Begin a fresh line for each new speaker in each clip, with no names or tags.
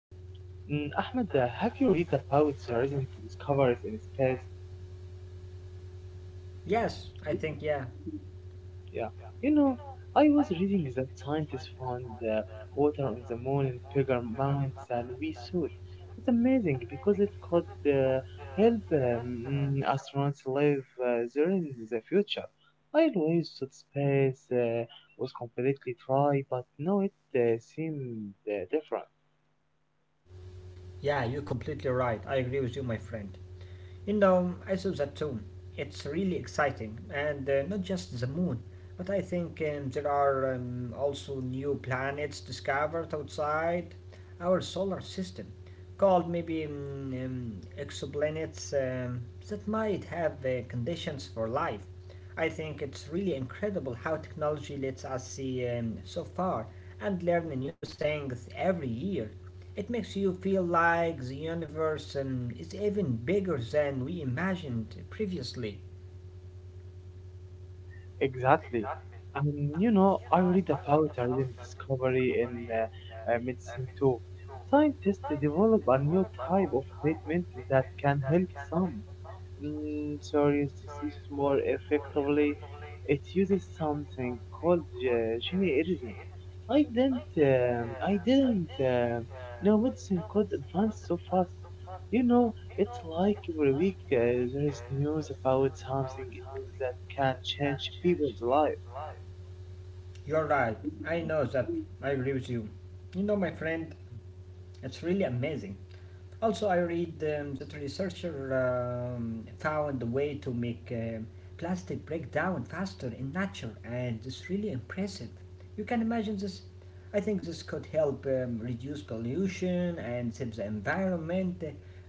Ahmad, have you read about the recent discoveries in space?
Yes, I think, yeah.
Yeah, you know, I was reading that scientists found water on the moon in bigger amounts than we thought. It's amazing because it could help astronauts live there in the future. I always thought space was completely dry, but now it seems different.
Yeah, you're completely right. I agree with you, my friend. You know, I saw that too. It's really exciting, and not just the moon, but I think there are also new planets discovered outside our solar system, called maybe exoplanets that might have conditions for life. I think it's really incredible how technology lets us see so far and learn new things every year. It makes you feel like the universe is even bigger than we imagined previously.
Mm, Exactly. I read about a recent discovery in medicine too. Scientists develop a new type of treatment that can help some serious diseases more effectively. It uses something called gene editing. I didn't know medicine could advance so fast. You know, it's like every week there is news about something new that can change people's life.
You're right, I know that, I agree with you. You know, my friend, it's really amazing. Also, I read that researchers found a way to make plastic break down faster in nature, and it's really impressive. You can imagine this. I think this could help reduce pollution and save the environment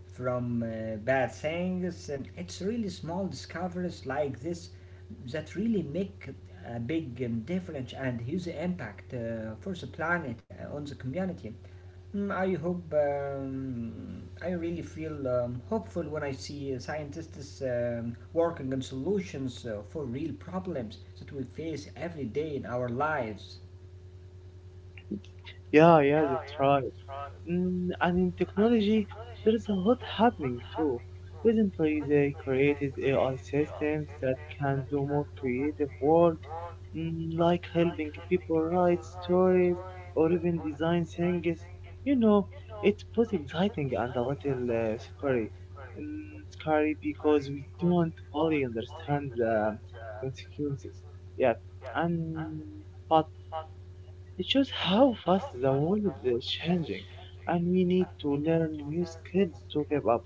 from bad things. And it's really small discoveries like this that really make a big difference and huge impact for the planet on the community. I hope I really feel hopeful when I see scientists working on solutions for real problems that we face every day in our lives.
Yeah, that's right. And in technology, there's a lot happening too. Recently, they created AI systems that can do more creative work, like helping people write stories or even design things. You know, it's both exciting and a little scary. Mm, scary because we don't fully understand the consequences yet. And but it shows how fast the world is changing, and we need to learn new skills to keep up.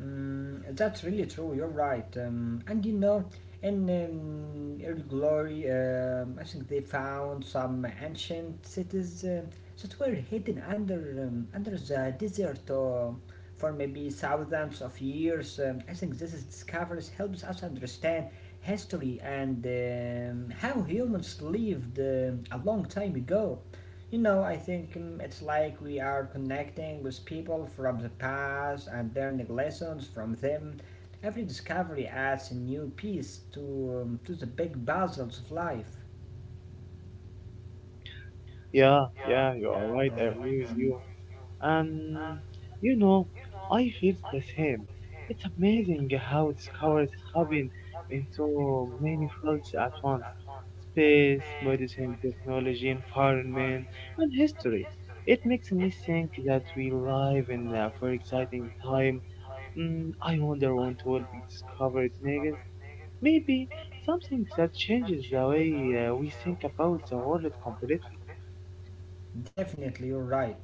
That's really true. You're right. And you know, in early glory, I think they found some ancient cities that were hidden under the desert for maybe thousands of years. I think this is discoveries helps us understand history and how humans lived a long time ago. You know, I think it's like we are connecting with people from the past and learning lessons from them. Every discovery adds a new piece to the big puzzles of life.
Yeah, yeah, you are right. I
Yeah.
agree with you. And you know, I feel the same. It's amazing how discoveries happen in so many fields at once: space, medicine, technology, environment, and history. It makes me think that we live in a very exciting time. I wonder what will be discovered next. Maybe something that changes the way we think about the world completely.
Definitely, you're right.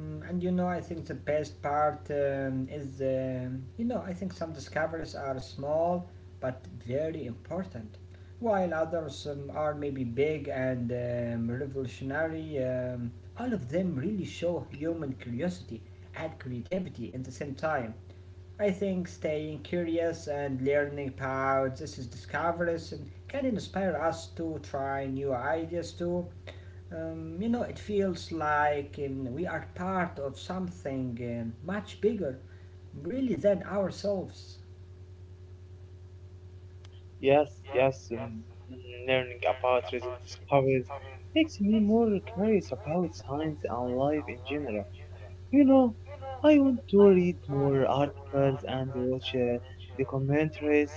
And you know, I think the best part is, I think some discoveries are small but very important, while others are maybe big and revolutionary. All of them really show human curiosity and creativity at the same time. I think staying curious and learning about this is discoveries can inspire us to try new ideas too. It feels like we are part of something much bigger, really, than ourselves.
Yes, yes, learning about recent discoveries makes me more curious about science and life in general. You know, I want to read more articles and watch documentaries.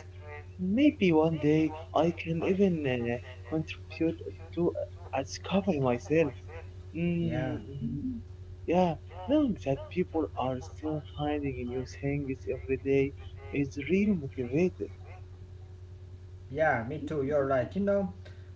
Maybe one day I can even contribute to a discovery myself. Mm,
Yeah,
yeah, knowing that people are still finding new things every day is real motivating.
yeah, me too, you're right. You know,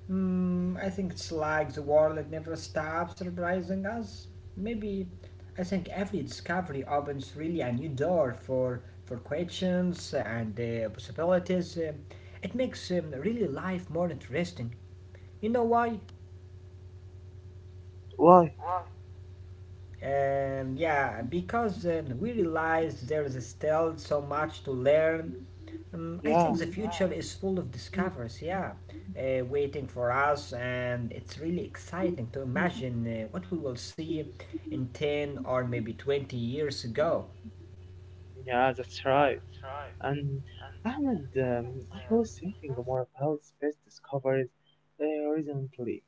I think it's like the world never stops surprising us. Maybe I think every discovery opens really a new door for questions and possibilities. It makes really life more interesting. You know why?
Why?
Yeah, because we realize there is still so much to learn. I
Yeah,
think the future is full of discoveries, yeah, waiting for us, and it's really exciting to imagine what we will see in 10 or maybe 20 years ago.
yeah, that's right. And Ahmed, I was thinking more about space discoveries recently.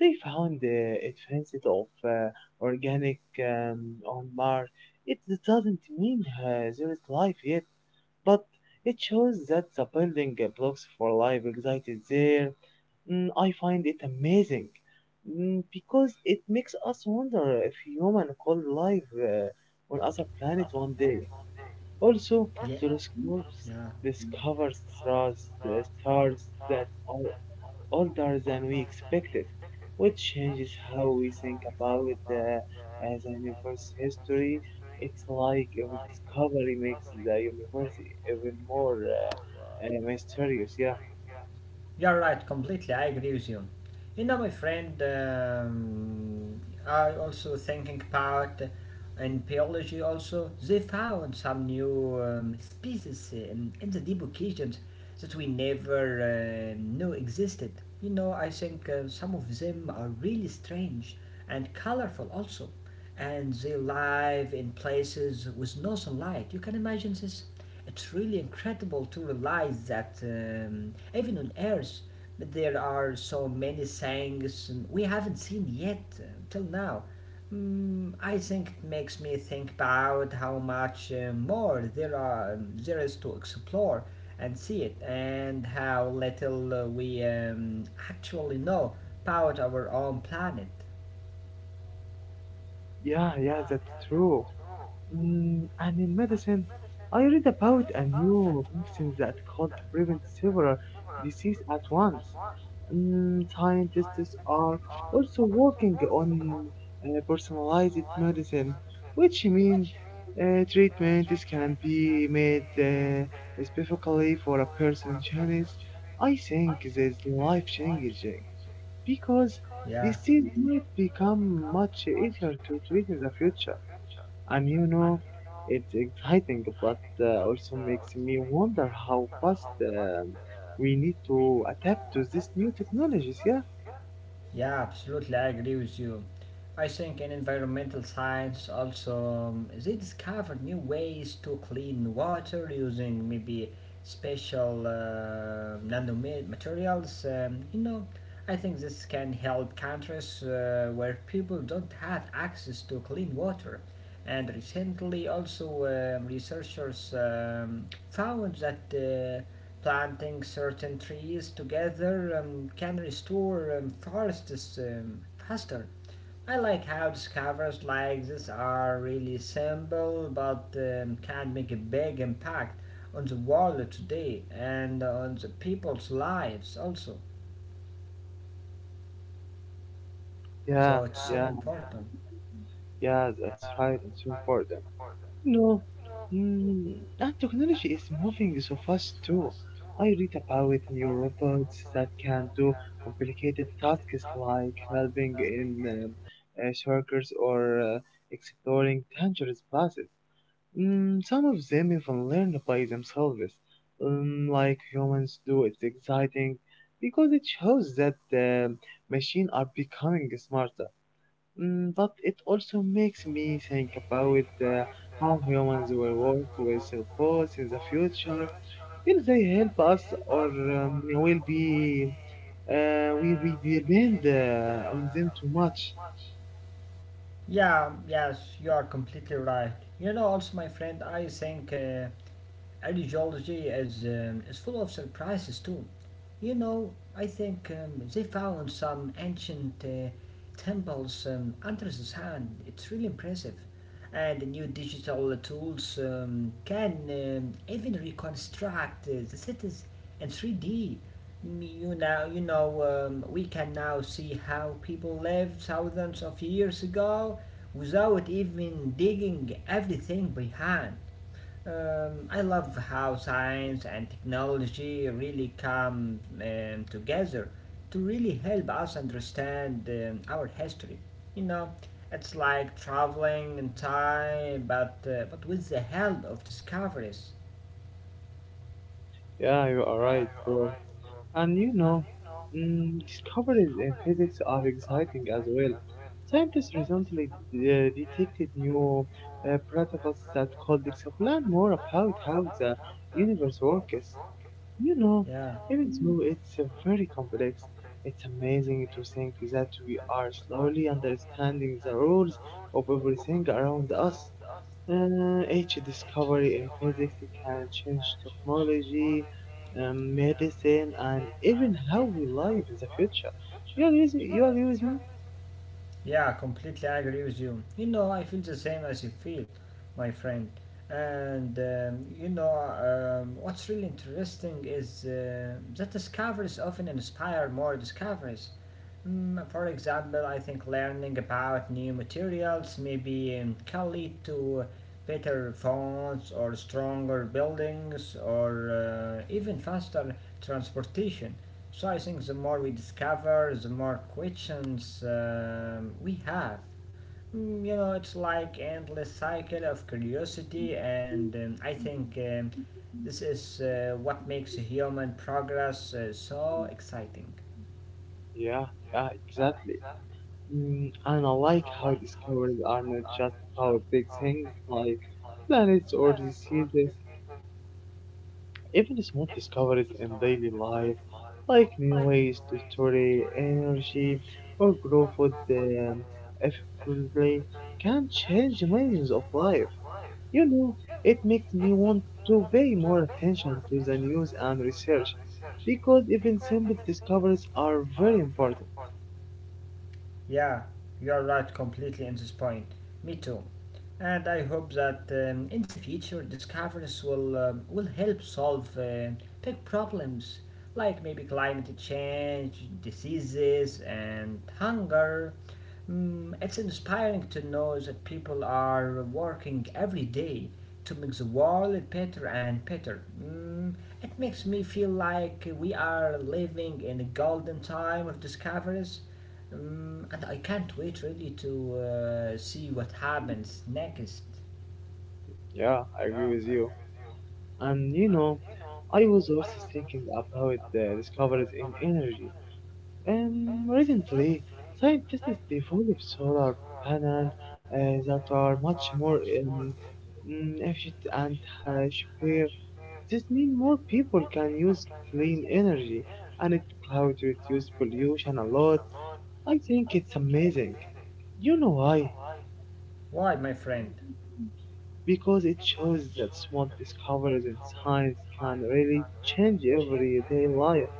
They found a transit of organic on Mars. It doesn't mean there is life yet, but it shows that the building blocks for life anxiety there. I find it amazing because it makes us wonder if human could live on other planet one day. Also, telescopes discover stars, the stars that are older than we expected, which changes how we think about the, the universe's history. It's like every discovery makes the universe even more mysterious. Yeah.
You're right, completely. I agree with you. You know, my friend, I also thinking about in biology. Also, they found some new species in the deep oceans that we never knew existed. You know, I think some of them are really strange and colorful also, and they live in places with no sunlight. You can imagine this. It's really incredible to realize that even on Earth. But there are so many things we haven't seen yet till now. I think it makes me think about how much more there is to explore and see it, and how little we actually know about our own planet.
Yeah, that's true. And in medicine, I read about a new vaccine that could prevent several diseases at once. Mm, scientists are also working on personalized medicine, which means treatments can be made specifically for a person's genes. I think this life changes because
Yeah.
disease might become much easier to treat in the future. And you know, it's exciting, but also makes me wonder how fast we need to adapt to these new technologies. Yeah.
Yeah, absolutely, I agree with you. I think in environmental science also they discovered new ways to clean water using maybe special nanomaterials. You know, I think this can help countries where people don't have access to clean water. And recently, also researchers found that. Planting certain trees together can restore forests faster. I like how discoveries like this are really simple but can make a big impact on the world today and on the people's lives also.
Yeah,
So it's so
yeah,
important.
yeah, that's right. It's important. No, mm, and technology is moving so fast too. I read about new robots that can do complicated tasks like helping in circles or exploring dangerous paths. Mm, some of them even learn by themselves, like humans do. It's exciting because it shows that the machines are becoming smarter. Mm, but it also makes me think about how humans will work with robots in the future. Will they help us or will be we depend on them too much?
Yeah, yes, you are completely right. You know, also, my friend, I think archaeology is full of surprises too. You know, I think they found some ancient temples under the sand. It's really impressive. And the new digital tools can even reconstruct the cities in 3D. You know, we can now see how people lived thousands of years ago without even digging everything by hand. I love how science and technology really come together to really help us understand our history. You know, it's like traveling in time, but with the help of discoveries.
Yeah, you are right, bro. And you know, discoveries in physics are exciting as well. Scientists recently detected new particles that could explain more about how the universe works. You know,
Yeah,
even though it's very complex, it's amazing to think that we are slowly understanding the rules of everything around us. Each discovery in physics can change technology, medicine, and even how we live in the future. You agree with me? You agree with me?
yeah, completely agree with you. You know, I feel the same as you feel, my friend. And what's really interesting is that discoveries often inspire more discoveries. For example, I think learning about new materials maybe can lead to better phones or stronger buildings or even faster transportation. So I think the more we discover, the more questions we have. You know, it's like endless cycle of curiosity, and I think this is what makes human progress so exciting.
Yeah, yeah, exactly. And I like how discoveries are not just about big things like planets or diseases. Even small discoveries in daily life, like new ways to store energy or grow food effectively, can change millions of lives. You know, it makes me want to pay more attention to the news and research because even simple discoveries are very important.
Yeah, you're right completely in this point. Me too. And I hope that in the future discoveries will help solve big problems like maybe climate change, diseases, and hunger. It's inspiring to know that people are working every day to make the world better and better. It makes me feel like we are living in a golden time of discoveries, and I can't wait really to see what happens next.
Yeah, I agree with you. And you know, I was also thinking about the discoveries in energy. Recently, scientists developed solar panels uh, that are much more efficient and uh, cheaper. This means more people can use clean energy, and it cloud reduce pollution a lot. I think it's amazing. You know why?
Why, my friend?
Because it shows that small discoveries in science can really change everyday life.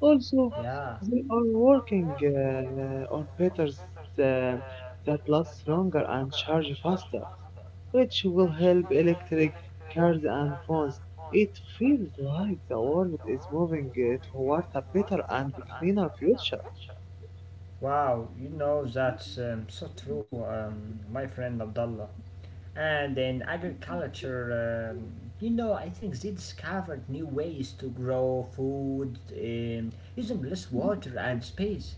Also,
Yeah.
they are working on patterns uh, that last longer and charge faster, which will help electric cars and phones. It feels like the world is moving toward a better and cleaner future.
Wow, you know that's so true, my friend Abdullah. And in agriculture, I think they discovered new ways to grow food using less water and space.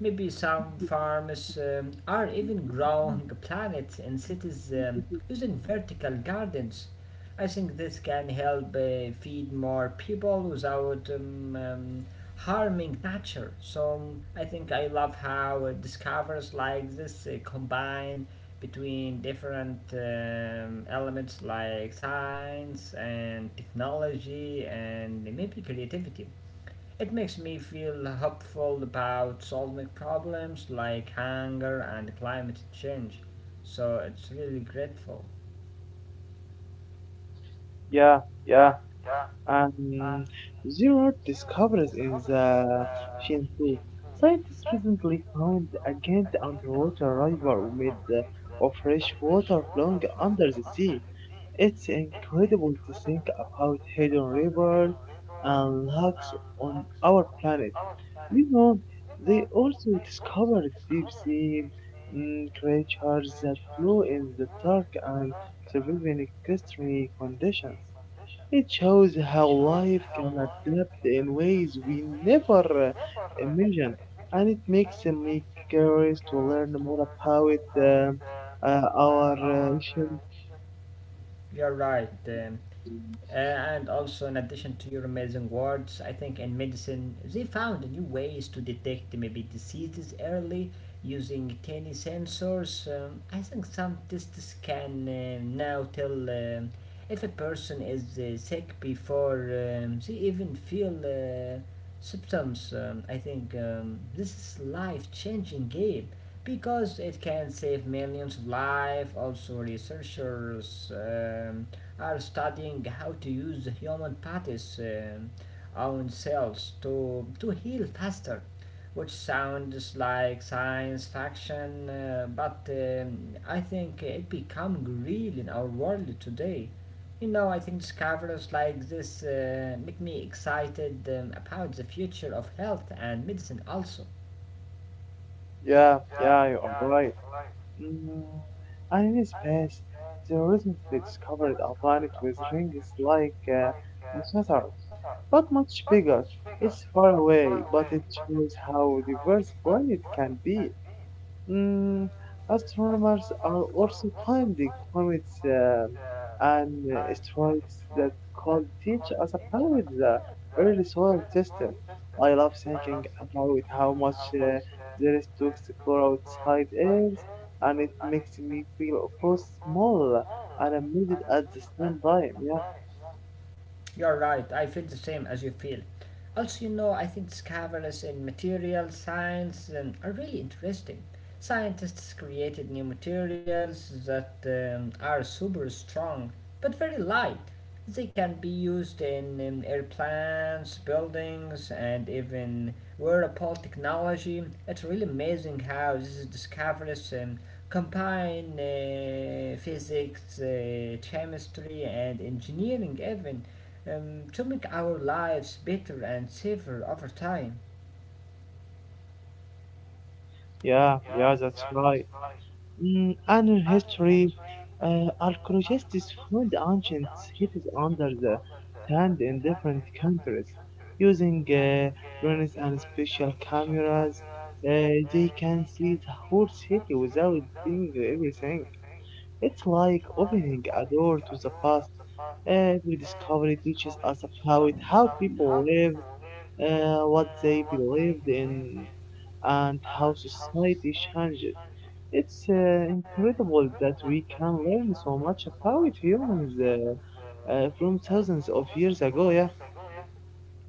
Maybe some farms are even growing plants in cities using vertical gardens. I think this can help feed more people without harming nature. So I think I love how discovers like this combine between different elements like science and technology and maybe creativity. It makes me feel hopeful about solving problems like hunger and climate change, so it's really grateful.
Yeah, yeah, and zero discoveries in the Shinsu. Scientists recently found again the underwater river with of fresh water flowing under the sea. It's incredible to think about hidden rivers and lakes on our planet. You know, they also discovered deep sea creatures that glow in the dark and survive in extreme conditions. It shows how life can adapt in ways we never imagined, and it makes me curious to learn more about our ancient.
You're right. Uh, and also, in addition to your amazing words, I think in medicine they found new ways to detect maybe diseases early using tiny sensors. I think some tests can now tell if a person is sick before they even feel symptoms. I think this is life-changing game because it can save millions of lives. Also, researchers. Are studying how to use the human body's own cells to heal faster, which sounds like science fiction, but I think it become real in our world today. You know, I think discoveries like this make me excited about the future of health and medicine also.
Yeah, you are right. Mm. And in space, they recently discovered a planet with rings like Saturn, but much bigger. It's far away, but it shows how diverse planet can be. Mm, astronomers are also finding comets and asteroids that could teach us about the early solar system. I love thinking about how much there is to explore outside Earth, and it makes me feel both small and amazed at the same time. Yeah,
You're right, I feel the same as you feel. Also, you know, I think discoveries in material science are really interesting. Scientists created new materials that are super strong but very light. They can be used in airplanes, buildings, and even wearable technology. It's really amazing how these discoveries combine physics, chemistry, and engineering, even to make our lives better and safer over time.
yeah, that's right. Annual history. Archaeologists found ancient cities under the sand in different countries. Using drones and special cameras, they can see the whole city without doing everything. It's like opening a door to the past. Every discovery teaches us about how people live what they believed in, and how society changed. It's incredible that we can learn so much about humans from thousands of years ago. Yeah,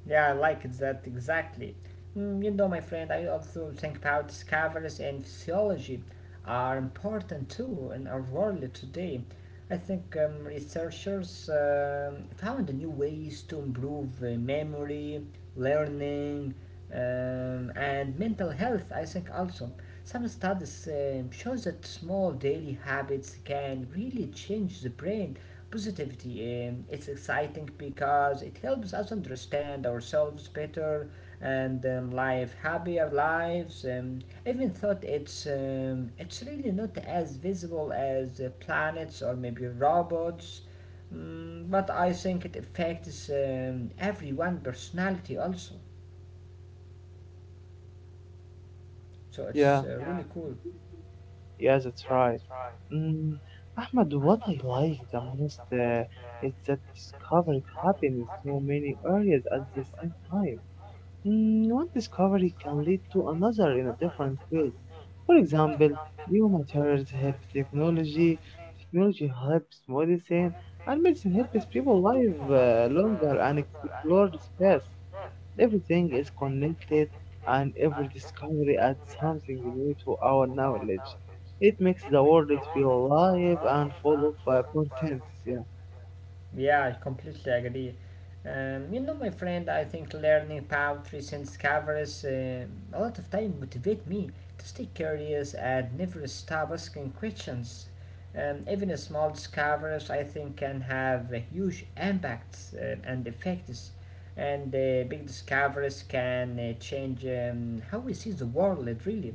Yeah, I like that exactly. You know, my friend, I also think about discoveries in physiology are important too in our world today. I think researchers found new ways to improve memory, learning, and mental health. I think also some studies shows that small daily habits can really change the brain positivity, it's exciting because it helps us understand ourselves better and live happier lives. Even though it's really not as visible as planets or maybe robots. But I think it affects everyone's personality also. So
yeah,
it's cool.
yeah, that's right. Mm, Ahmed, what I like the most is that discovery happens in so many areas at the same time. One discovery can lead to another in a different way. For example, new materials help technology, technology helps medicine, and medicine helps people live longer and explore space. Everything is connected, and every discovery adds something new to our knowledge. It makes the world feel alive and full of potential. Yeah,
Yeah, I completely agree. You know, my friend, I think learning about recent discoveries a lot of time motivate me to stay curious and never stop asking questions. Even a small discoveries, I think, can have a huge impacts and effects. And big discoveries can change how we see the world, really.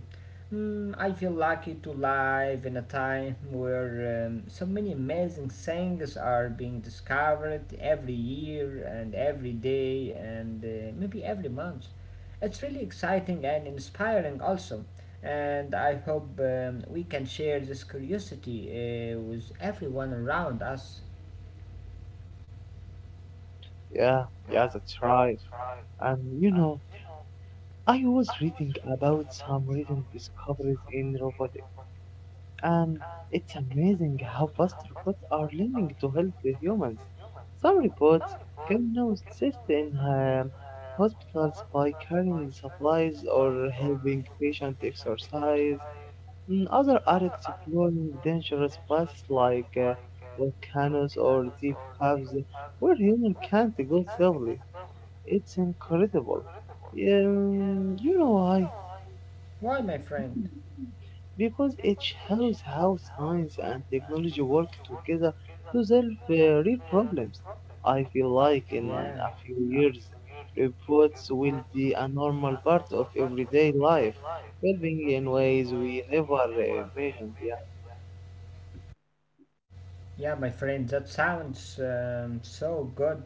I feel lucky to live in a time where so many amazing things are being discovered every year and every day and maybe every month. It's really exciting and inspiring, also. And I hope we can share this curiosity with everyone around us.
yeah, that's right. And you know, I was reading about some recent discoveries in robotics, and it's amazing how fast robots are learning to help the humans. Some robots can now assist in hospitals by carrying supplies or helping patients exercise. Mm, others are exploring dangerous places like volcanoes or deep caves where humans can't go safely. It's incredible. You know why?
Why, my friend?
Because it shows how science and technology work together to solve real problems. I feel like in a few years, robots will be a normal part of everyday life, helping in ways we never imagined.
Yeah, my friend, that sounds so good.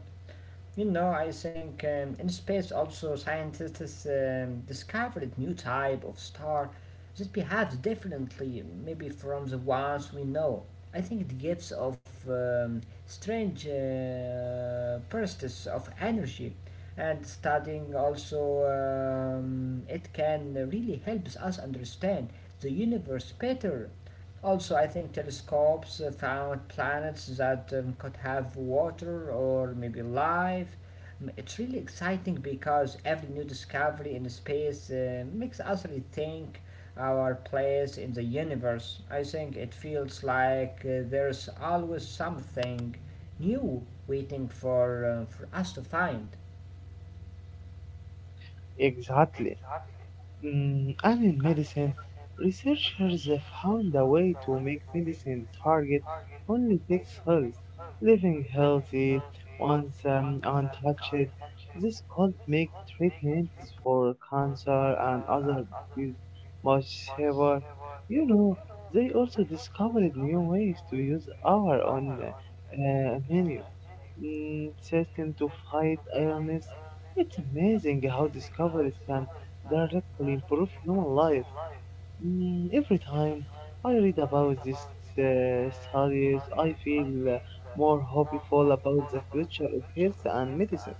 I think in space also scientists discovered new type of star that behaves differently, maybe from the ones we know. I think it gives off strange bursts of energy, and studying also it can really helps us understand the universe better also. I think telescopes found planets that could have water or maybe life. It's really exciting because every new discovery in space makes us rethink our place in the universe. I think it feels like there's always something new waiting for us to find.
Yeah, exactly. And in medicine, researchers have found a way to make medicine target only six cells, living healthy once untouched. This could make treatments for cancer and other diseases much safer. You know, they also discovered new ways to use our own menu system to fight illness. It's amazing how discoveries can directly improve human life. Every time I read about these studies, I feel more hopeful about the future of health and medicine.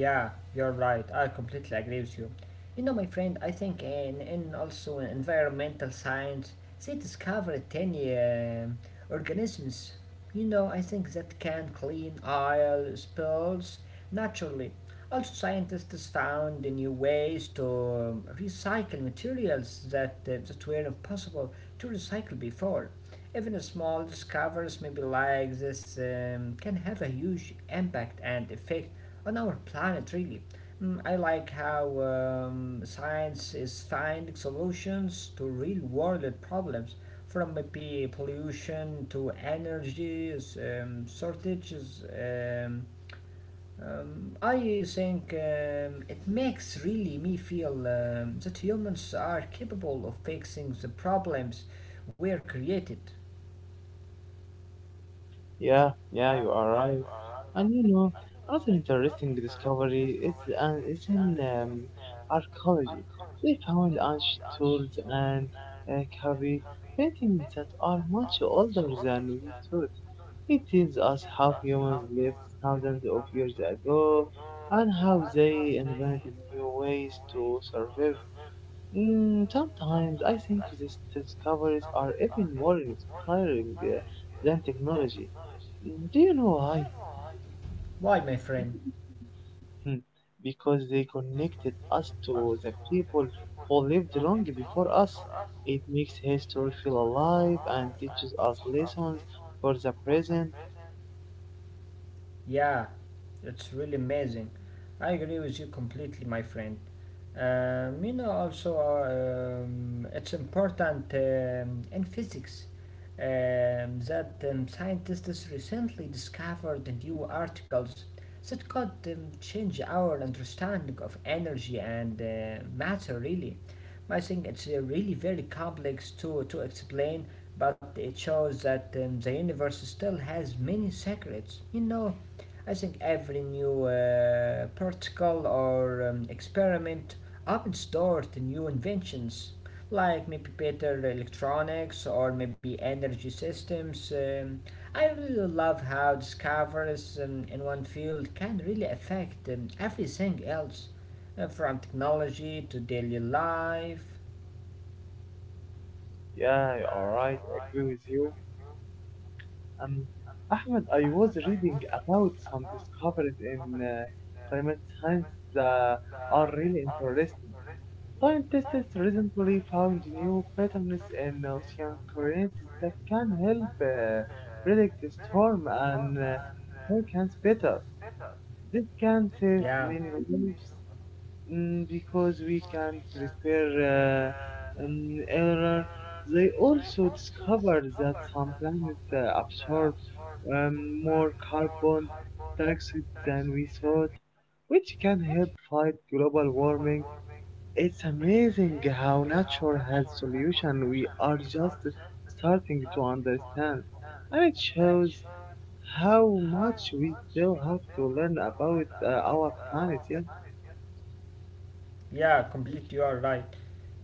Yeah, you're right. I completely agree with you. My friend, I think in also in environmental science, they discovered tiny organisms. I think that can clean oil spills naturally. Also, scientists found new ways to recycle materials that were impossible to recycle before. Even small discoveries, maybe like this, can have a huge impact and effect on our planet, really. Mm, I like how science is finding solutions to real world problems, from maybe pollution to energy shortages. I think it makes really me feel that humans are capable of fixing the problems we are created.
Yeah, you are right. And you know, another interesting discovery is in archaeology. They found ancient tools and cavity paintings that are much older than we thought. It tells us how humans lived thousands of years ago and how they invented new ways to survive. Mm, sometimes I think these discoveries are even more inspiring than technology. Mm, do you know why?
Why, my friend?
Hmm, because they connected us to the people who lived long before us. It makes history feel alive and teaches us lessons for the present.
Yeah, it's really amazing. I agree with you completely, my friend. It's important in physics that scientists recently discovered new articles that could change our understanding of energy and matter, really. I think it's really very complex to explain, but it shows that the universe still has many secrets. I think every new protocol or experiment opens door to new inventions, like maybe better electronics or maybe energy systems. I really love how discoveries in one field can really affect everything else, from technology to daily life.
Yeah, all right, I agree with you. Um, Ahmed, I was reading about some discoveries in climate science that are really interesting. Scientists recently found new patterns in ocean currents that can help predict storm and hurricanes better. This can save many lives, mm, because we can prepare error. They also discovered that some planets absorb um, more carbon dioxide than we thought, which can help fight global warming. It's amazing how nature has solution we are just starting to understand, and it shows how much we still have to learn about our planet. Yeah,
Yeah, completely. You are right.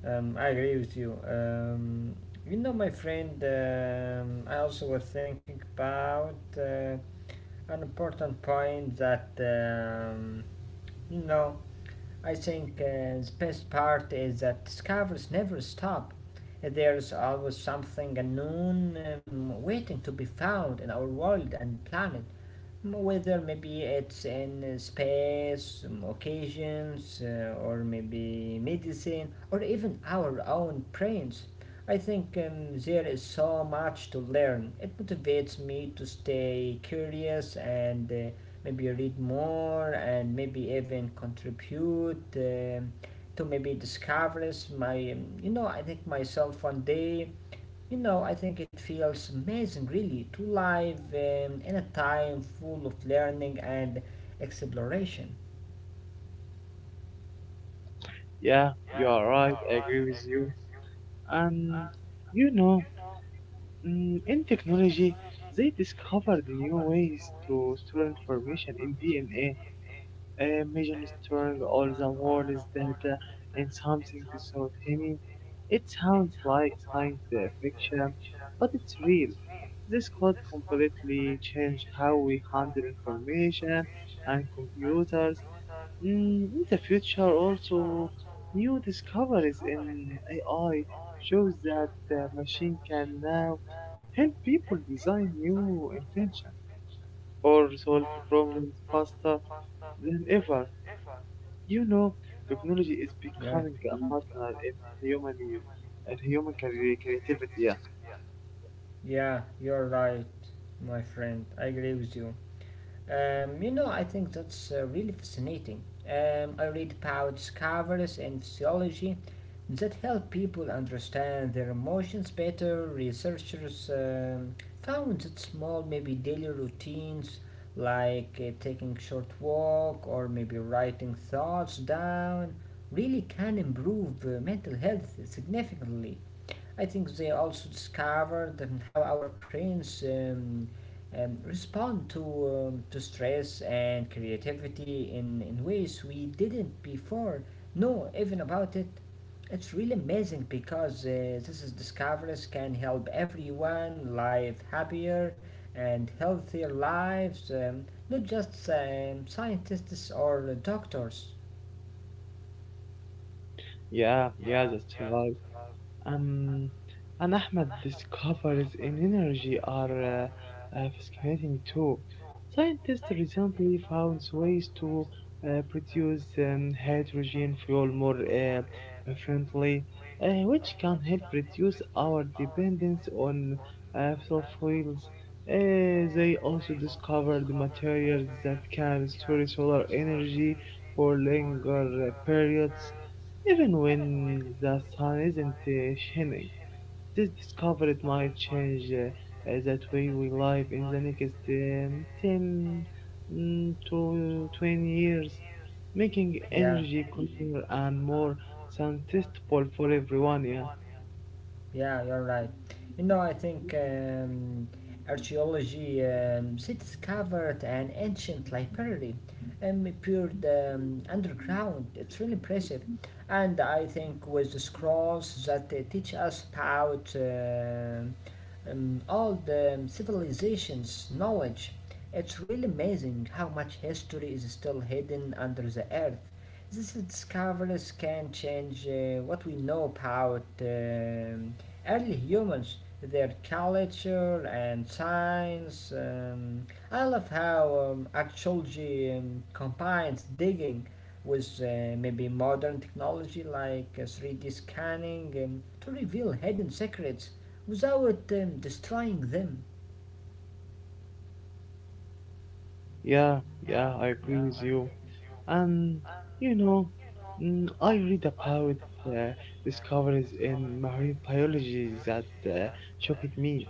I agree with you. My friend, I also was thinking about an important point that, you know, I think the best part is that discoveries never stop. There's always something unknown waiting to be found in our world and planet whether maybe it's in space, occasions, or maybe medicine, or even our own brains. I think there is so much to learn. It motivates me to stay curious and maybe read more and maybe even contribute to maybe discoveries. You know, I think myself one day, you know, I think it feels amazing really to live in a time full of learning and exploration.
yeah, you are right. I agree with you. And you know, in technology, they discovered new ways to store information in DNA. A major strong all the world is data and something so tiny. It sounds like science fiction, but it's real. This could completely change how we handle information and computers. Mm, in the future, also, new discoveries in AI shows that the machine can now help people design new inventions or solve problems faster than ever. You know, technology is
Yeah,
becoming a partner in human and human creativity. Yeah,
yeah, you're right, my friend. I agree with you. I think that's really fascinating. I read about discoveries in physiology that help people understand their emotions better. Researchers found that small, maybe daily routines like taking short walk or maybe writing thoughts down really can improve mental health significantly. I think they also discovered how our brains respond to stress and creativity in ways we didn't before know even about it. It's really amazing because this is discoveries can help everyone live happier and healthier lives, not just scientists or doctors.
yeah, yeah, that's right. Um, and Ahmed discovers an energy are uh, uh, fascinating too. Scientists recently found ways to produce hydrogen fuel more efficiently, which can help reduce our dependence on fossil fuels. They also discovered materials that can store solar energy for longer periods even when the sun isn't shining. This discovery might change that way we live in the next 10 to 20 years, making
Yeah.
energy cleaner and more sustainable for everyone. Yeah.
Yeah, you're right. I think archaeology she discovered an ancient library appeared underground. It's really impressive, and I think with the scrolls that they teach us about all the civilizations' knowledge, it's really amazing how much history is still hidden under the earth. These discoveries can change what we know about early humans, their culture and science. I love how archaeology combines digging with maybe modern technology like 3D scanning to reveal hidden secrets without destroying them.
Yeah, yeah, I agree with you. And you know, I read about uh, discoveries in marine biology that shocked me.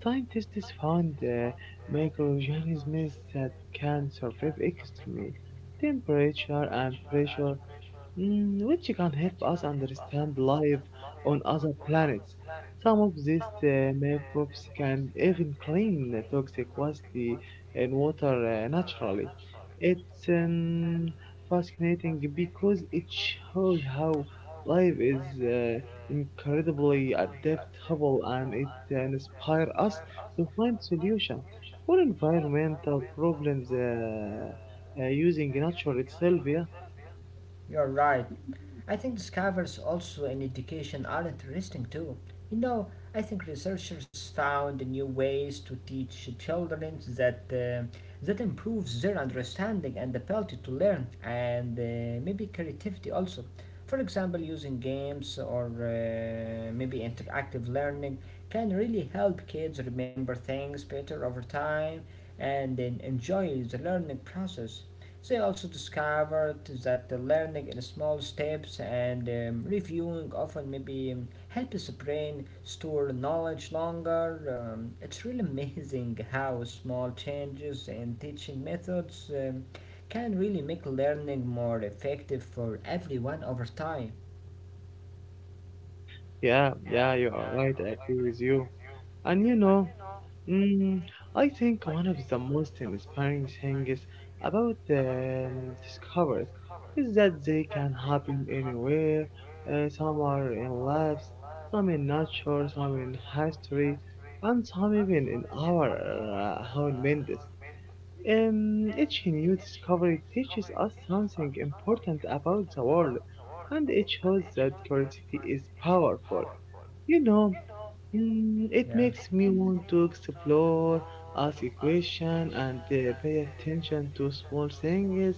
Scientists found microorganisms that can survive extreme temperature and pressure, mm, which can help us understand life on other planets. Some of these microbes can even clean toxic waste in water naturally. It's um, fascinating because it shows how life is incredibly adaptable, and it inspires us to find solutions for environmental problems using nature itself. Yeah.
You're right. I think discoveries also in education are interesting too. You know, I think researchers found new ways to teach children that improves their understanding and ability to learn, and maybe creativity also. For example, using games or maybe interactive learning can really help kids remember things better over time and then enjoy the learning process. They also discovered that the learning in small steps and reviewing often maybe helps the brain store knowledge longer. It's really amazing how small changes in teaching methods can really make learning more effective for everyone over time.
Yeah, yeah, you are right. I agree with you. And mm, I think one of the most inspiring things about discoveries is that they can happen anywhere. Some are in labs, some in nature, some in history, and some even in our own minds. Each new discovery teaches us something important about the world, and it shows that curiosity is powerful. You know, it
Yeah,
makes me want to explore, ask a question, and pay attention to small things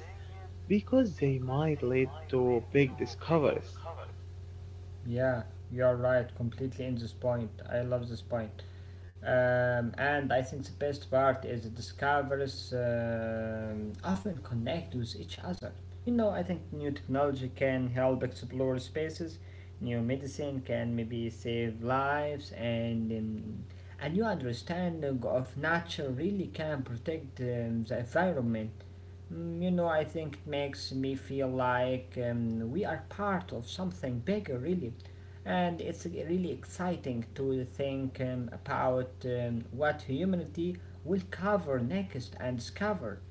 because they might lead to big discoveries.
yeah, you're right, completely in this point. I love this point. And I think the best part is the discoveries often connect with each other. I think new technology can help explore spaces, new medicine can maybe save lives, and a new understanding of nature really can protect the environment. Mm, you know, I think it makes me feel like we are part of something bigger, really. And it's really exciting to think about what humanity will cover next and discover.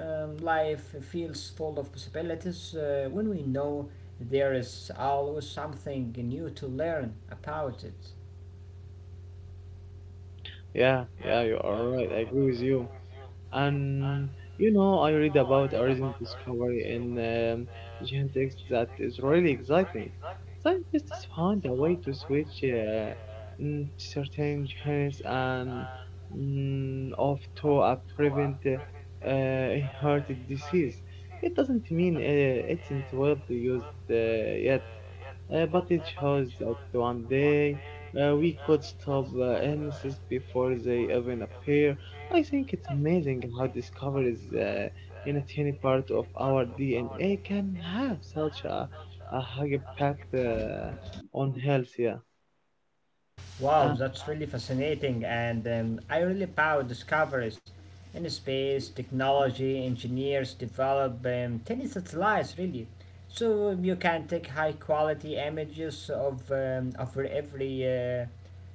Life feels full of possibilities when we know there is always something new to learn about it.
Yeah, yeah, you are right. I agree with you. And you know, I read about a recent discovery in um, genetics that is really exciting. Scientists found a way to switch certain genes and off to prevent inherited disease. It doesn't mean it isn't widely used yet, but it shows that one day we could stop illnesses before they even appear. I think it's amazing how discoveries in a tiny part of our DNA can have such a high impact on health. Yeah.
Wow,
Uh,
that's really fascinating, and I really proud discoveries in space, technology, engineers develop tiny satellites, really. So you can take high quality images of um, over every uh,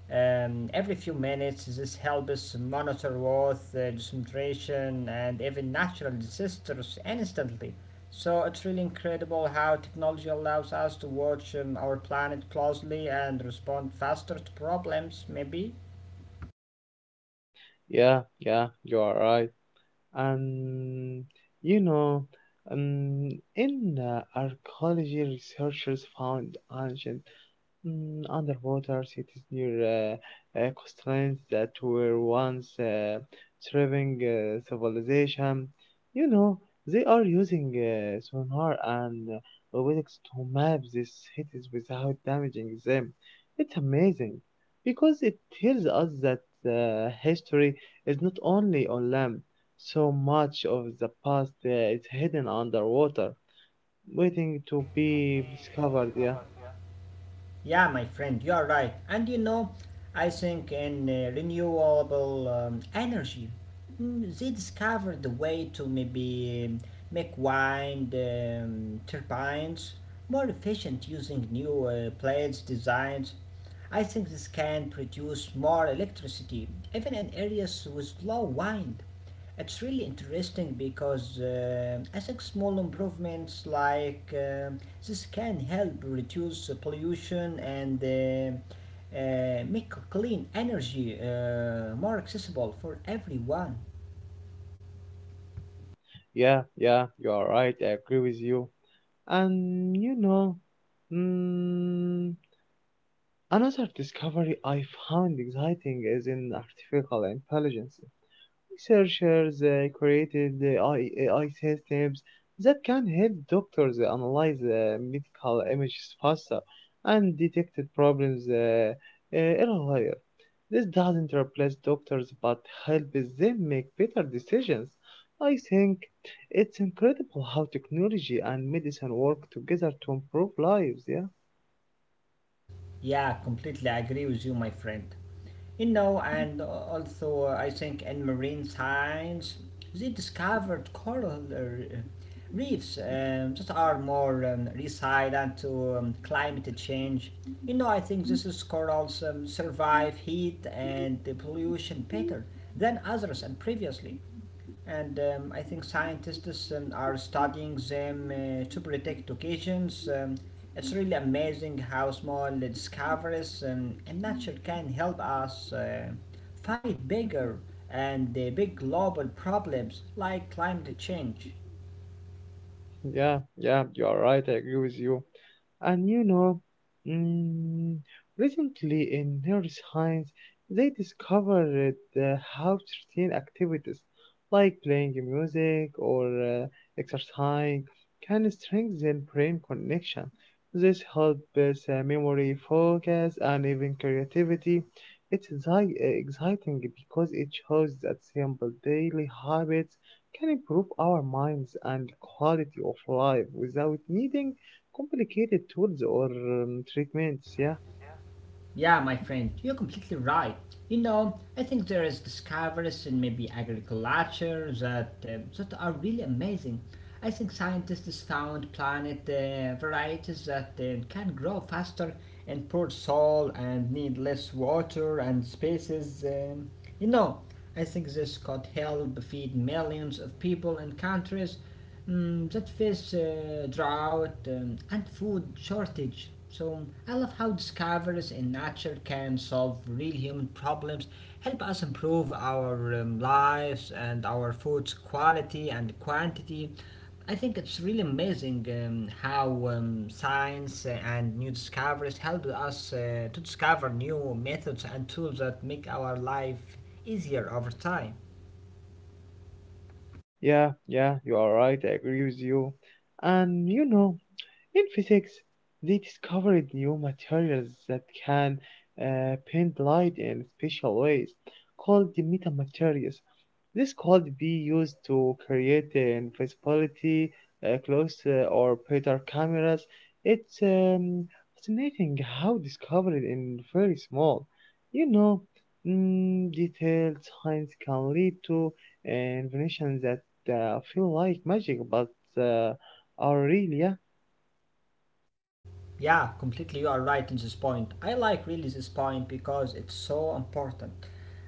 um, every few minutes. This helps monitor Earth concentration and even natural disasters instantly. So it's really incredible how technology allows us to watch our planet closely and respond faster to problems, maybe.
yeah, yeah, you are right. And you know, in archaeology, researchers found ancient Mm, underwater cities near coastlines that were once thriving civilization. You know, they are using sonar and robotics to map these cities without damaging them. It's amazing because it tells us that history is not only on land. So much of the past is hidden underwater, waiting to be discovered. Yeah.
Yeah, my friend, you are right. And you know, I think in renewable energy, mm, they discovered the way to maybe make wind turbines more efficient using new blades designs. I think this can produce more electricity, even in areas with low wind. It's really interesting because I think small improvements like this can help reduce pollution and make clean energy more accessible for everyone.
Yeah, yeah, you are right. I agree with you. And mm, another discovery I found exciting is in artificial intelligence. Researchers created the AI systems that can help doctors analyze medical images faster and detect problems earlier. This doesn't replace doctors but helps them make better decisions. I think it's incredible how technology and medicine work together to improve lives, yeah?
Yeah, completely agree with you, my friend. You know, and also I think in marine science they discovered coral reefs that are more resilient to climate change. I think this is corals survive heat and the pollution better than others and previously and I think scientists are studying them to predict occasions. It's really amazing how small discoveries in nature can help us fight bigger and big global problems like climate change.
Yeah, yeah, you are right. I agree with you. And mm, recently in neuroscience, they discovered how certain activities like playing music or exercising can strengthen brain connection. This helps memory, focus, and even creativity. It's exciting because it shows that simple daily habits can improve our minds and quality of life without needing complicated tools or treatments. Yeah,
Yeah, my friend, you're completely right. I think there is discoveries in maybe agriculture that are really amazing. I think scientists found planet varieties that can grow faster in poor soil and need less water and spaces. You know, I think this could help feed millions of people in countries mm, that face drought and food shortage. So I love how discoveries in nature can solve real human problems, help us improve our lives and our food's quality and quantity. I think it's really amazing how science and new discoveries help us to discover new methods and tools that make our life easier over time.
yeah, yeah, you are right. I agree with you. And you know, in physics, they discovered new materials that can bend light in special ways, called the metamaterials. This could be used to create an invisibility clothes or better cameras. It's fascinating how discovered in very small, you know, detailed science can lead to inventions that feel like magic but uh, are real. Yeah.
Yeah, completely. You are right in this point. I like really this point because it's so important.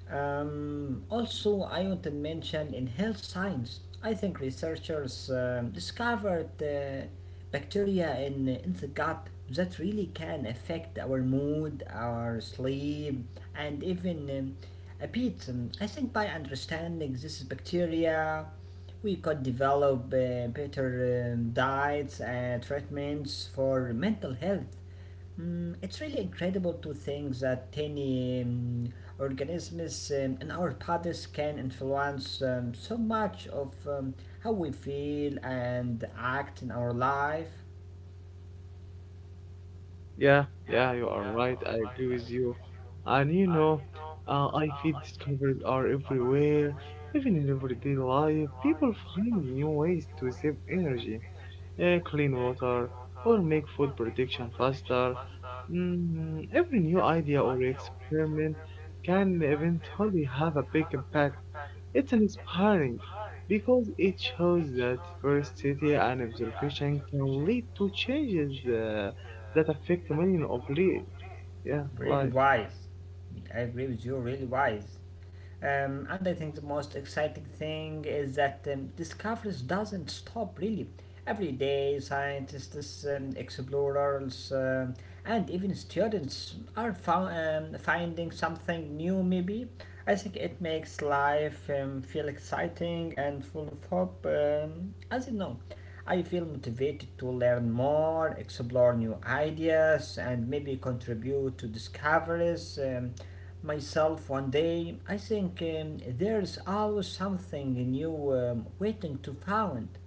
Also, I want to mention in health science, I think researchers discovered bacteria in the gut that really can affect our mood, our sleep, and even a bit. I think by understanding this bacteria, we could develop better diets and treatments for mental health. Mm, it's really incredible to think that tiny organisms in our bodies can influence so much of how we feel and act in our life.
Yeah, yeah, you are right. I agree with you. And you know, I feel discoveries are everywhere. Even in everyday life, people find new ways to save energy, clean water, or make food production faster. Mm, every new idea or experiment can eventually have a big impact. It's inspiring because it shows that curiosity and observation can lead to changes that affect yeah,
Really
lives.
wise. I agree with you, really wise. And I think the most exciting thing is that discoveries doesn't stop really. Every day, scientists, explorers, and even students are finding something new. Maybe I think it makes life feel exciting and full of hope. As you know, I feel motivated to learn more, explore new ideas, and maybe contribute to discoveries. Myself one day. I think there's always something new waiting to found.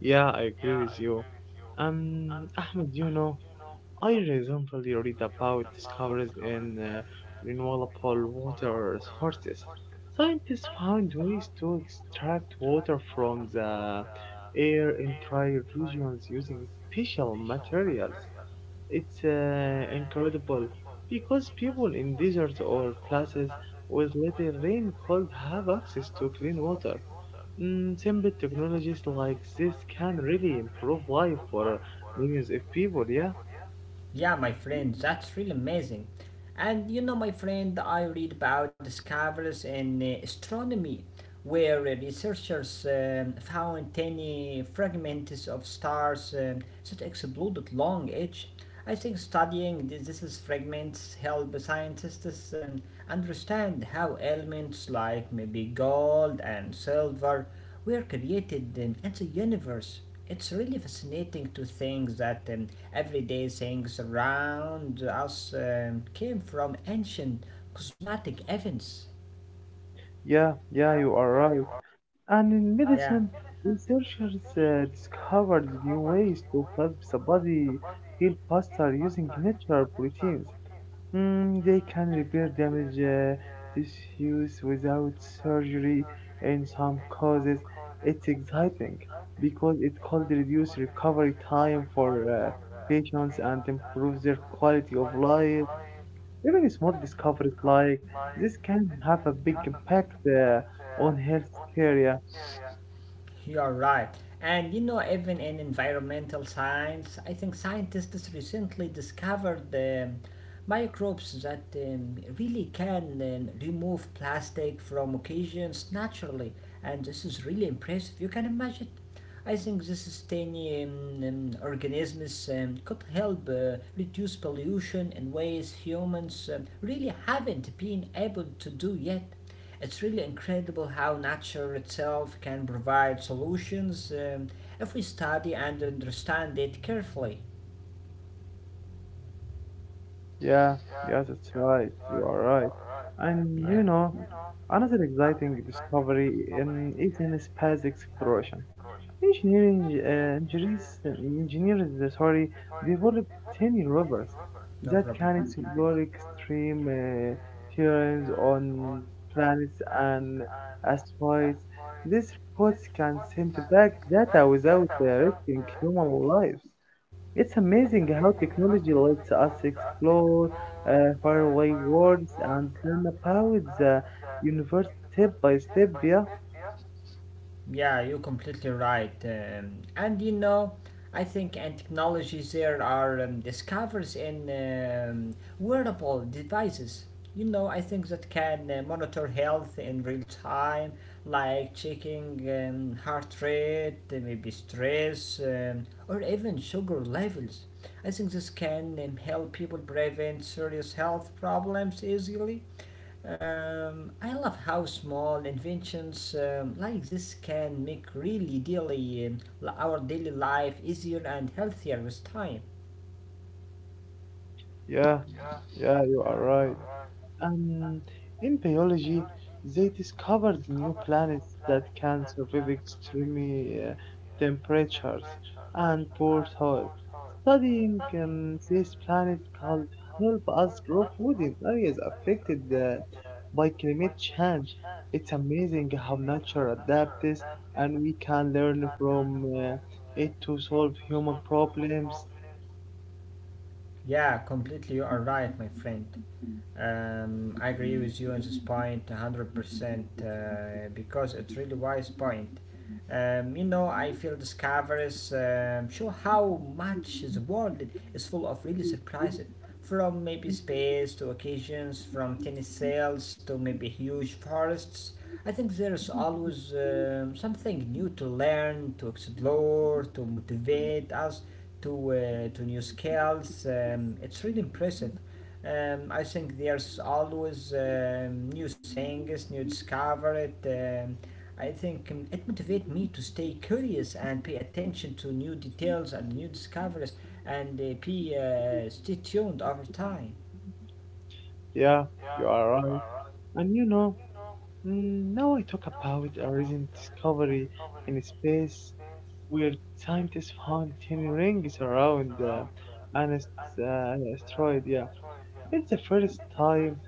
Yeah, I agree with you. Ahmed, you know, I recently read about discoveries in renewable water sources. Scientists found ways to extract water from the air in dry regions using special materials. It's incredible because people in deserts or places with little rain could have access to clean water. Mm, simple technologies like this can really improve life for millions of people, yeah.
Yeah, my friend, that's really amazing. And you know, my friend, I read about discoveries in astronomy where researchers found tiny fragments of stars that exploded long age. I think studying these fragments help scientists understand how elements like maybe gold and silver were created in the universe. It's really fascinating to think that everyday things around us came from ancient cosmetic events.
Yeah, yeah, you are right. And in medicine, researchers discovered new ways to help the body heal faster using natural proteins. Mm, they can repair damaged tissues without surgery in some cases. It's exciting because it could reduce recovery time for uh, patients and improve their quality of life. Even small discoveries like this can have a big impact on health care. Yeah,
You're right. And you know, even in environmental science, I think scientists recently discovered microbes that really can remove plastic from occasions naturally. And this is really impressive. You can imagine. I think this is tiny organisms could help reduce pollution in ways humans really haven't been able to do yet. It's really incredible how nature itself can provide solutions if we study and understand it carefully.
yeah, yeah, that's right. You are right. And you
Yeah,
know, another exciting discovery is in space exploration. Engineering uh, engineers, engineers, sorry, developed tiny robots that
no
can
problem.
explore extreme terrains on planets and asteroids. These robots can send back data without risking human lives. It's amazing how technology lets us explore faraway worlds and learn about the universe step by step. Yeah.
Yeah, you're completely right. And I think and technologies there are discovers in wearable devices. You know, I think that can monitor health in real time, like checking heart rate, maybe stress, or even sugar levels. I think this can help people prevent serious health problems easily. I love how small inventions like this can make really daily our daily life easier and healthier with time.
Yeah, yeah, you are right. Um, in biology, they discovered new planets that can survive extreme temperatures and poor soil. Studying this planet could help us grow food in areas affected by climate change. It's amazing how nature adapts, and we can learn from it to solve human problems.
Yeah, completely. You are right, my friend. I agree with you at this point, 100%, because it's really wise point. You know, I feel discoveries show how much the world is full of really surprises, from maybe space to occasions, from tiny cells to maybe huge forests. I think there is always something new to learn, to explore, to motivate us to to new scales. It's really impressive. I think there's always new things, new discovered. I think it motivates me to stay curious and pay attention to new details and new discoveries, and be stay tuned over time.
Yeah, you are right. And you know, Mm, now I talk about a recent discovery in space where scientists found tiny rings around asteroid. Yeah, it's the first time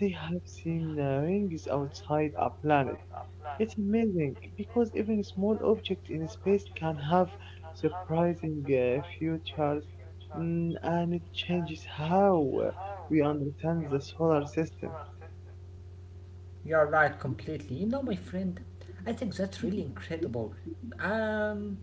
they have seen rings outside a planet. It's amazing because even small objects in space can have surprising futures, mm, and it changes how we understand the solar system.
You're right completely. You know, my friend, I think that's really incredible. Um,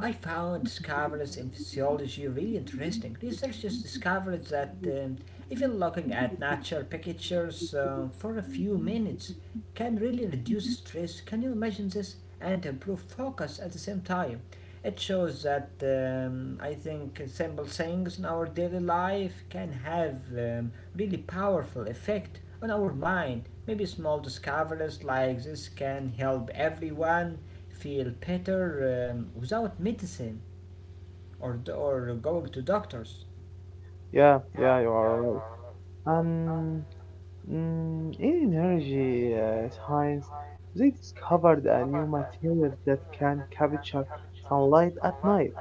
I found discoveries in physiology really interesting. Researchers discovered that even looking at nature pictures for a few minutes can really reduce stress. Can you imagine this? And improve focus at the same time. It shows that I think simple things in our daily life can have um, really powerful effect on our mind. Maybe small discoveries like this can help everyone feel better without medicine or going to doctors.
Yeah, yeah, you are right. And Mm, in energy science, they discovered a new material that can capture sunlight at night.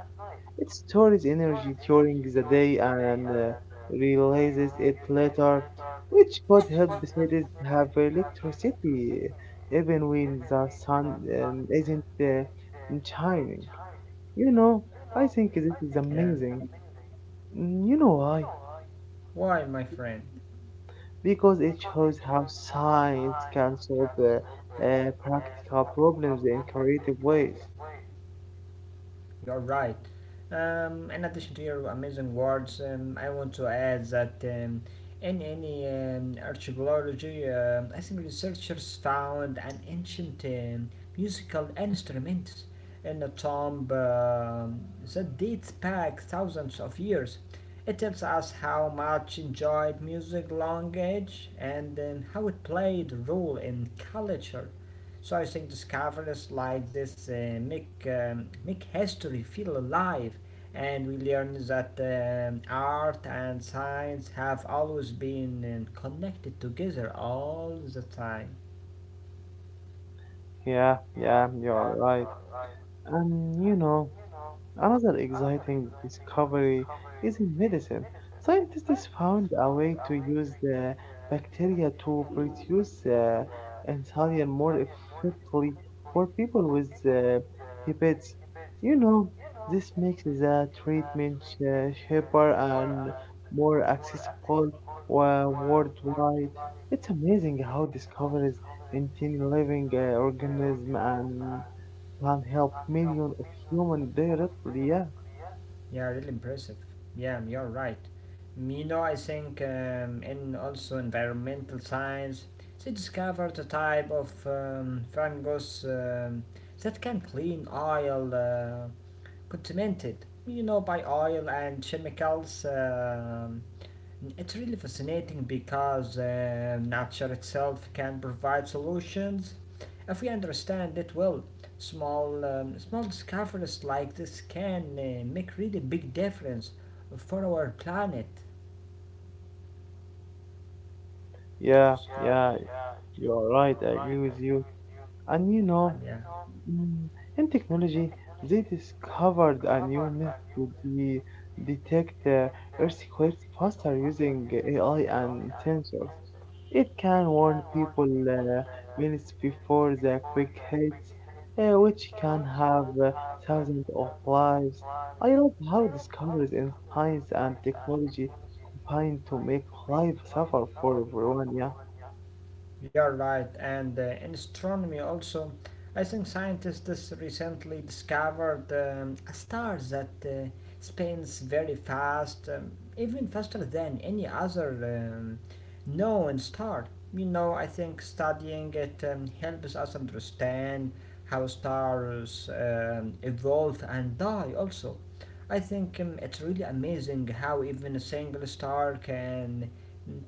It stores energy during the day and releases it later, which could help cities have electricity even when the sun isn't shining. You know, I think this is amazing. Mm, You know why?
Why, my friend?
Because it shows how science can solve practical problems in creative ways.
You're right. In addition to your amazing words, I want to add that in any archaeology, I think researchers found an ancient musical instrument in a tomb that dates back thousands of years. It tells us how much enjoyed music long age and how it played a role in culture. So I think discoveries like this make history feel alive, and we learn that art and science have always been connected together all the time.
Yeah, yeah, you're right. And you know, another exciting discovery is in medicine. Scientists found a way to use the bacteria to produce insulin more effectively for people with diabetes. You know, this makes the treatment cheaper and more accessible worldwide. It's amazing how discoveries in tiny living organism and can help millions of humans directly. Yeah,
Yeah, really impressive. Yeah, you're right. You know, I think in also environmental science, they discovered a type of fungus that can clean oil. Contaminated, you know, by oil and chemicals. It's really fascinating because nature itself can provide solutions if we understand it well. Small discoveries like this can make really big difference for our planet.
yeah, yeah. You are right. I agree with you. And you know, Mm, and technology, they discovered a new method to detect earthquakes faster using AI and sensors. It can warn people minutes before the quake hits, which can have thousands of lives. I love how discoveries in science and technology combine to make life suffer for everyone. Yeah,
You're right, and in astronomy also, I think scientists recently discovered a star that spins very fast, even faster than any other known star. You know, I think studying it helps us understand how stars evolve and die also. I think it's really amazing how even a single star can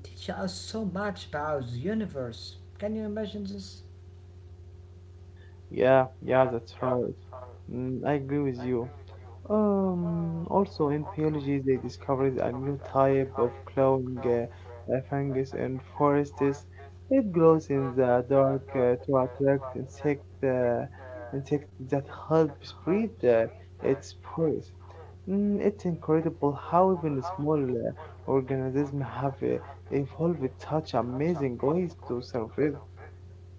teach us so much about the universe. Can you imagine this?
yeah, yeah, that's right. Mm, I agree with you. Also in biology, they discovered a new type of glowing fungus in forests. It grows in the dark to attract insects that help spread its spores. Mm, it's incredible how even small organisms have evolved in such amazing ways to survive.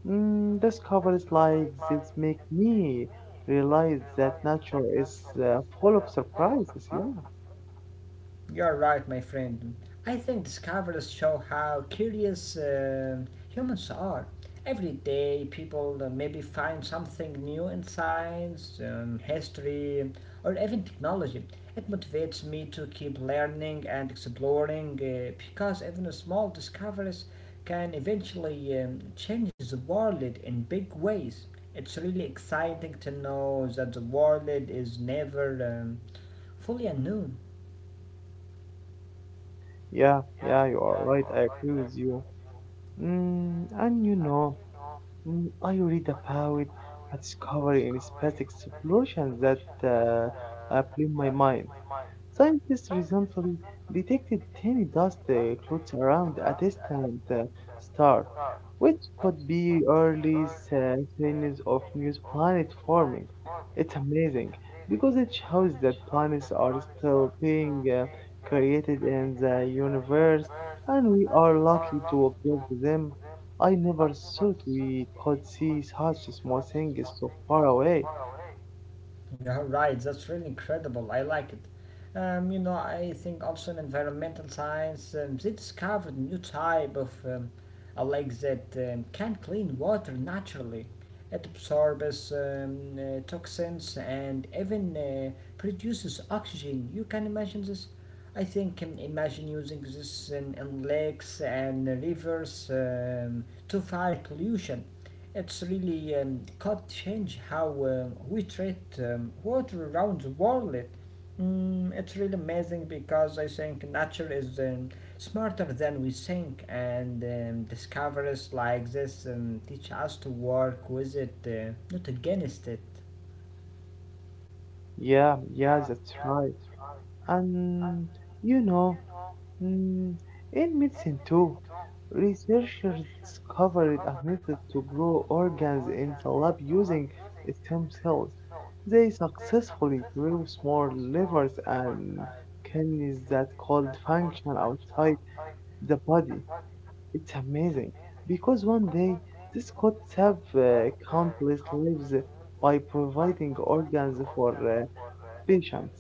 Mm, discoveries like this make me realize that nature is full of surprises. Yeah,
You're right, my friend. I think discoveries show how curious humans are. Every day, people maybe find something new in science, history, or even technology. It motivates me to keep learning and exploring because even small discoveries can eventually change the world in big ways. It's really exciting to know that the world is never fully unknown.
yeah, yeah, you are right. I agree with you. Mm, and I read about a discovery in space exploration that blew my mind. Scientists recently detected tiny dust clouds around a distant star, which could be early signs of new planet forming. It's amazing because it shows that planets are still being created in the universe, and we are lucky to observe them. I never thought we could see such small things so far away.
Yeah, right. That's really incredible. I like it. You know, I think also in environmental science, they discovered new type of a lake that can clean water naturally. It absorbs toxins and even produces oxygen. You can imagine this. I think imagine using this in lakes and rivers to fight pollution. It's really could change how we treat water around the world. Mm, it's really amazing because I think nature is smarter than we think, and discoveries like this teach us to work with it, not against it.
Yeah, yeah, that's right. And you know, mm, in medicine too, researchers discovered a method to grow organs in the lab using stem cells. They successfully grew small livers and kidneys that could function outside the body. It's amazing because one day these could have countless lives by providing organs for patients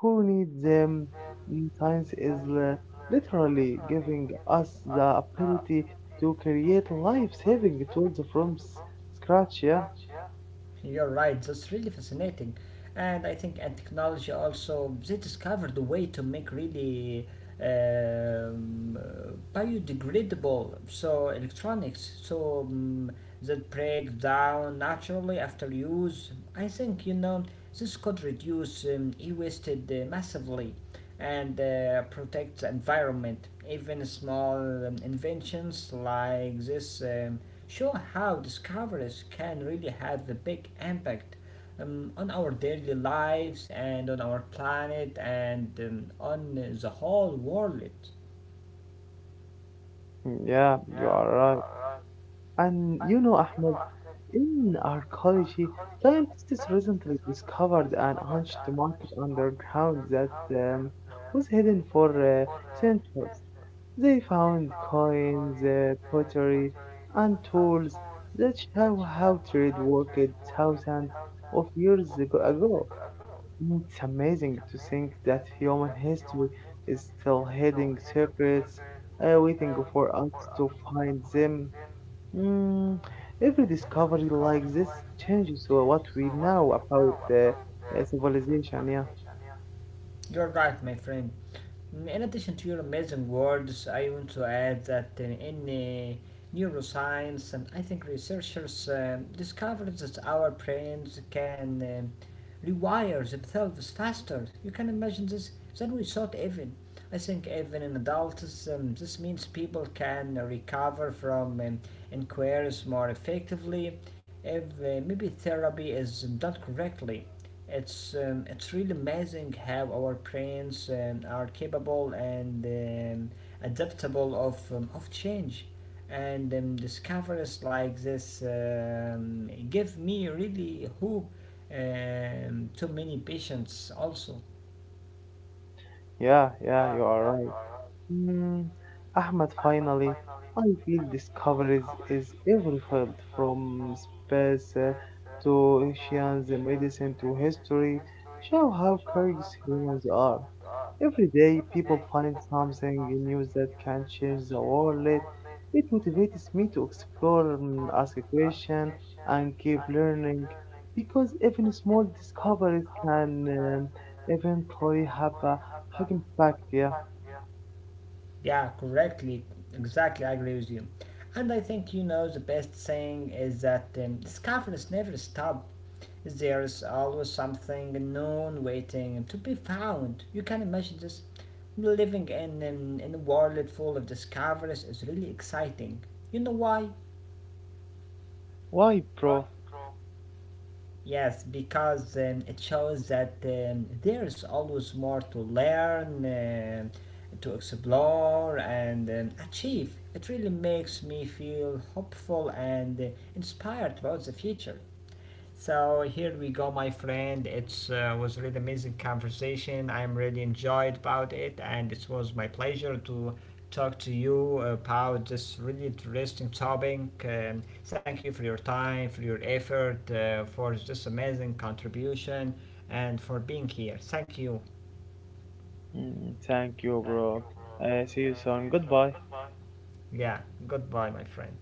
who need them. Mm, Science is literally giving us the ability to create life-saving tools from scratch. Yeah,
You're right, that's really fascinating. And I think and technology also they discovered a way to make really um, uh, biodegradable so electronics that break down naturally after use. I think you know this could reduce e-wasted massively and protects environment. Even small inventions like this show how discoveries can really have a big impact on our daily lives and on our planet and on the whole world.
Mm, yeah, you are right. And you know, Ahmed, in archaeology, scientists recently discovered an ancient market underground that was hidden for centuries. They found coins, pottery, and tools that show how trade worked thousands of years ago. It's amazing to think that human history is still hiding secrets, waiting for us to find them. Mm, every discovery like this changes what we know about civilization. Yeah,
You're right, my friend. In addition to your amazing words, I want to add that neuroscience, and I think researchers discovered that our brains can rewire themselves faster. You can imagine this than we thought even. I think even in adults, this means people can recover from inquiries more effectively if maybe therapy is done correctly. It's really amazing how our brains are capable and adaptable of change, and discoveries like this give me really hope to many patients also.
yeah, yeah, you are right. Mm, Ahmed, finally, I feel discoveries is every field from space to oceans, medicine to history show how curious humans are. Every day, people find something new that can change the world. It motivates me to explore, ask questions, and keep learning because even small discoveries can um, eventually have a big impact. Yeah.
Yeah, correctly, exactly. I agree with you, and I think you know the best saying is that discoveries never stop. There is always something known waiting to be found. You can imagine this. Living in a world full of discoveries is really exciting. You know why?
Why, bro?
Yes, because it shows that there is always more to learn, um to explore, and achieve. It really makes me feel hopeful and inspired about the future. So here we go, my friend. It was really amazing conversation. I'm really enjoyed about it, and it was my pleasure to talk to you about this really interesting topic. Thank you for your time, for your effort, for this amazing contribution, and for being here. Thank you.
Mm, thank you, bro. See you soon. Goodbye.
Yeah. Goodbye, my friend.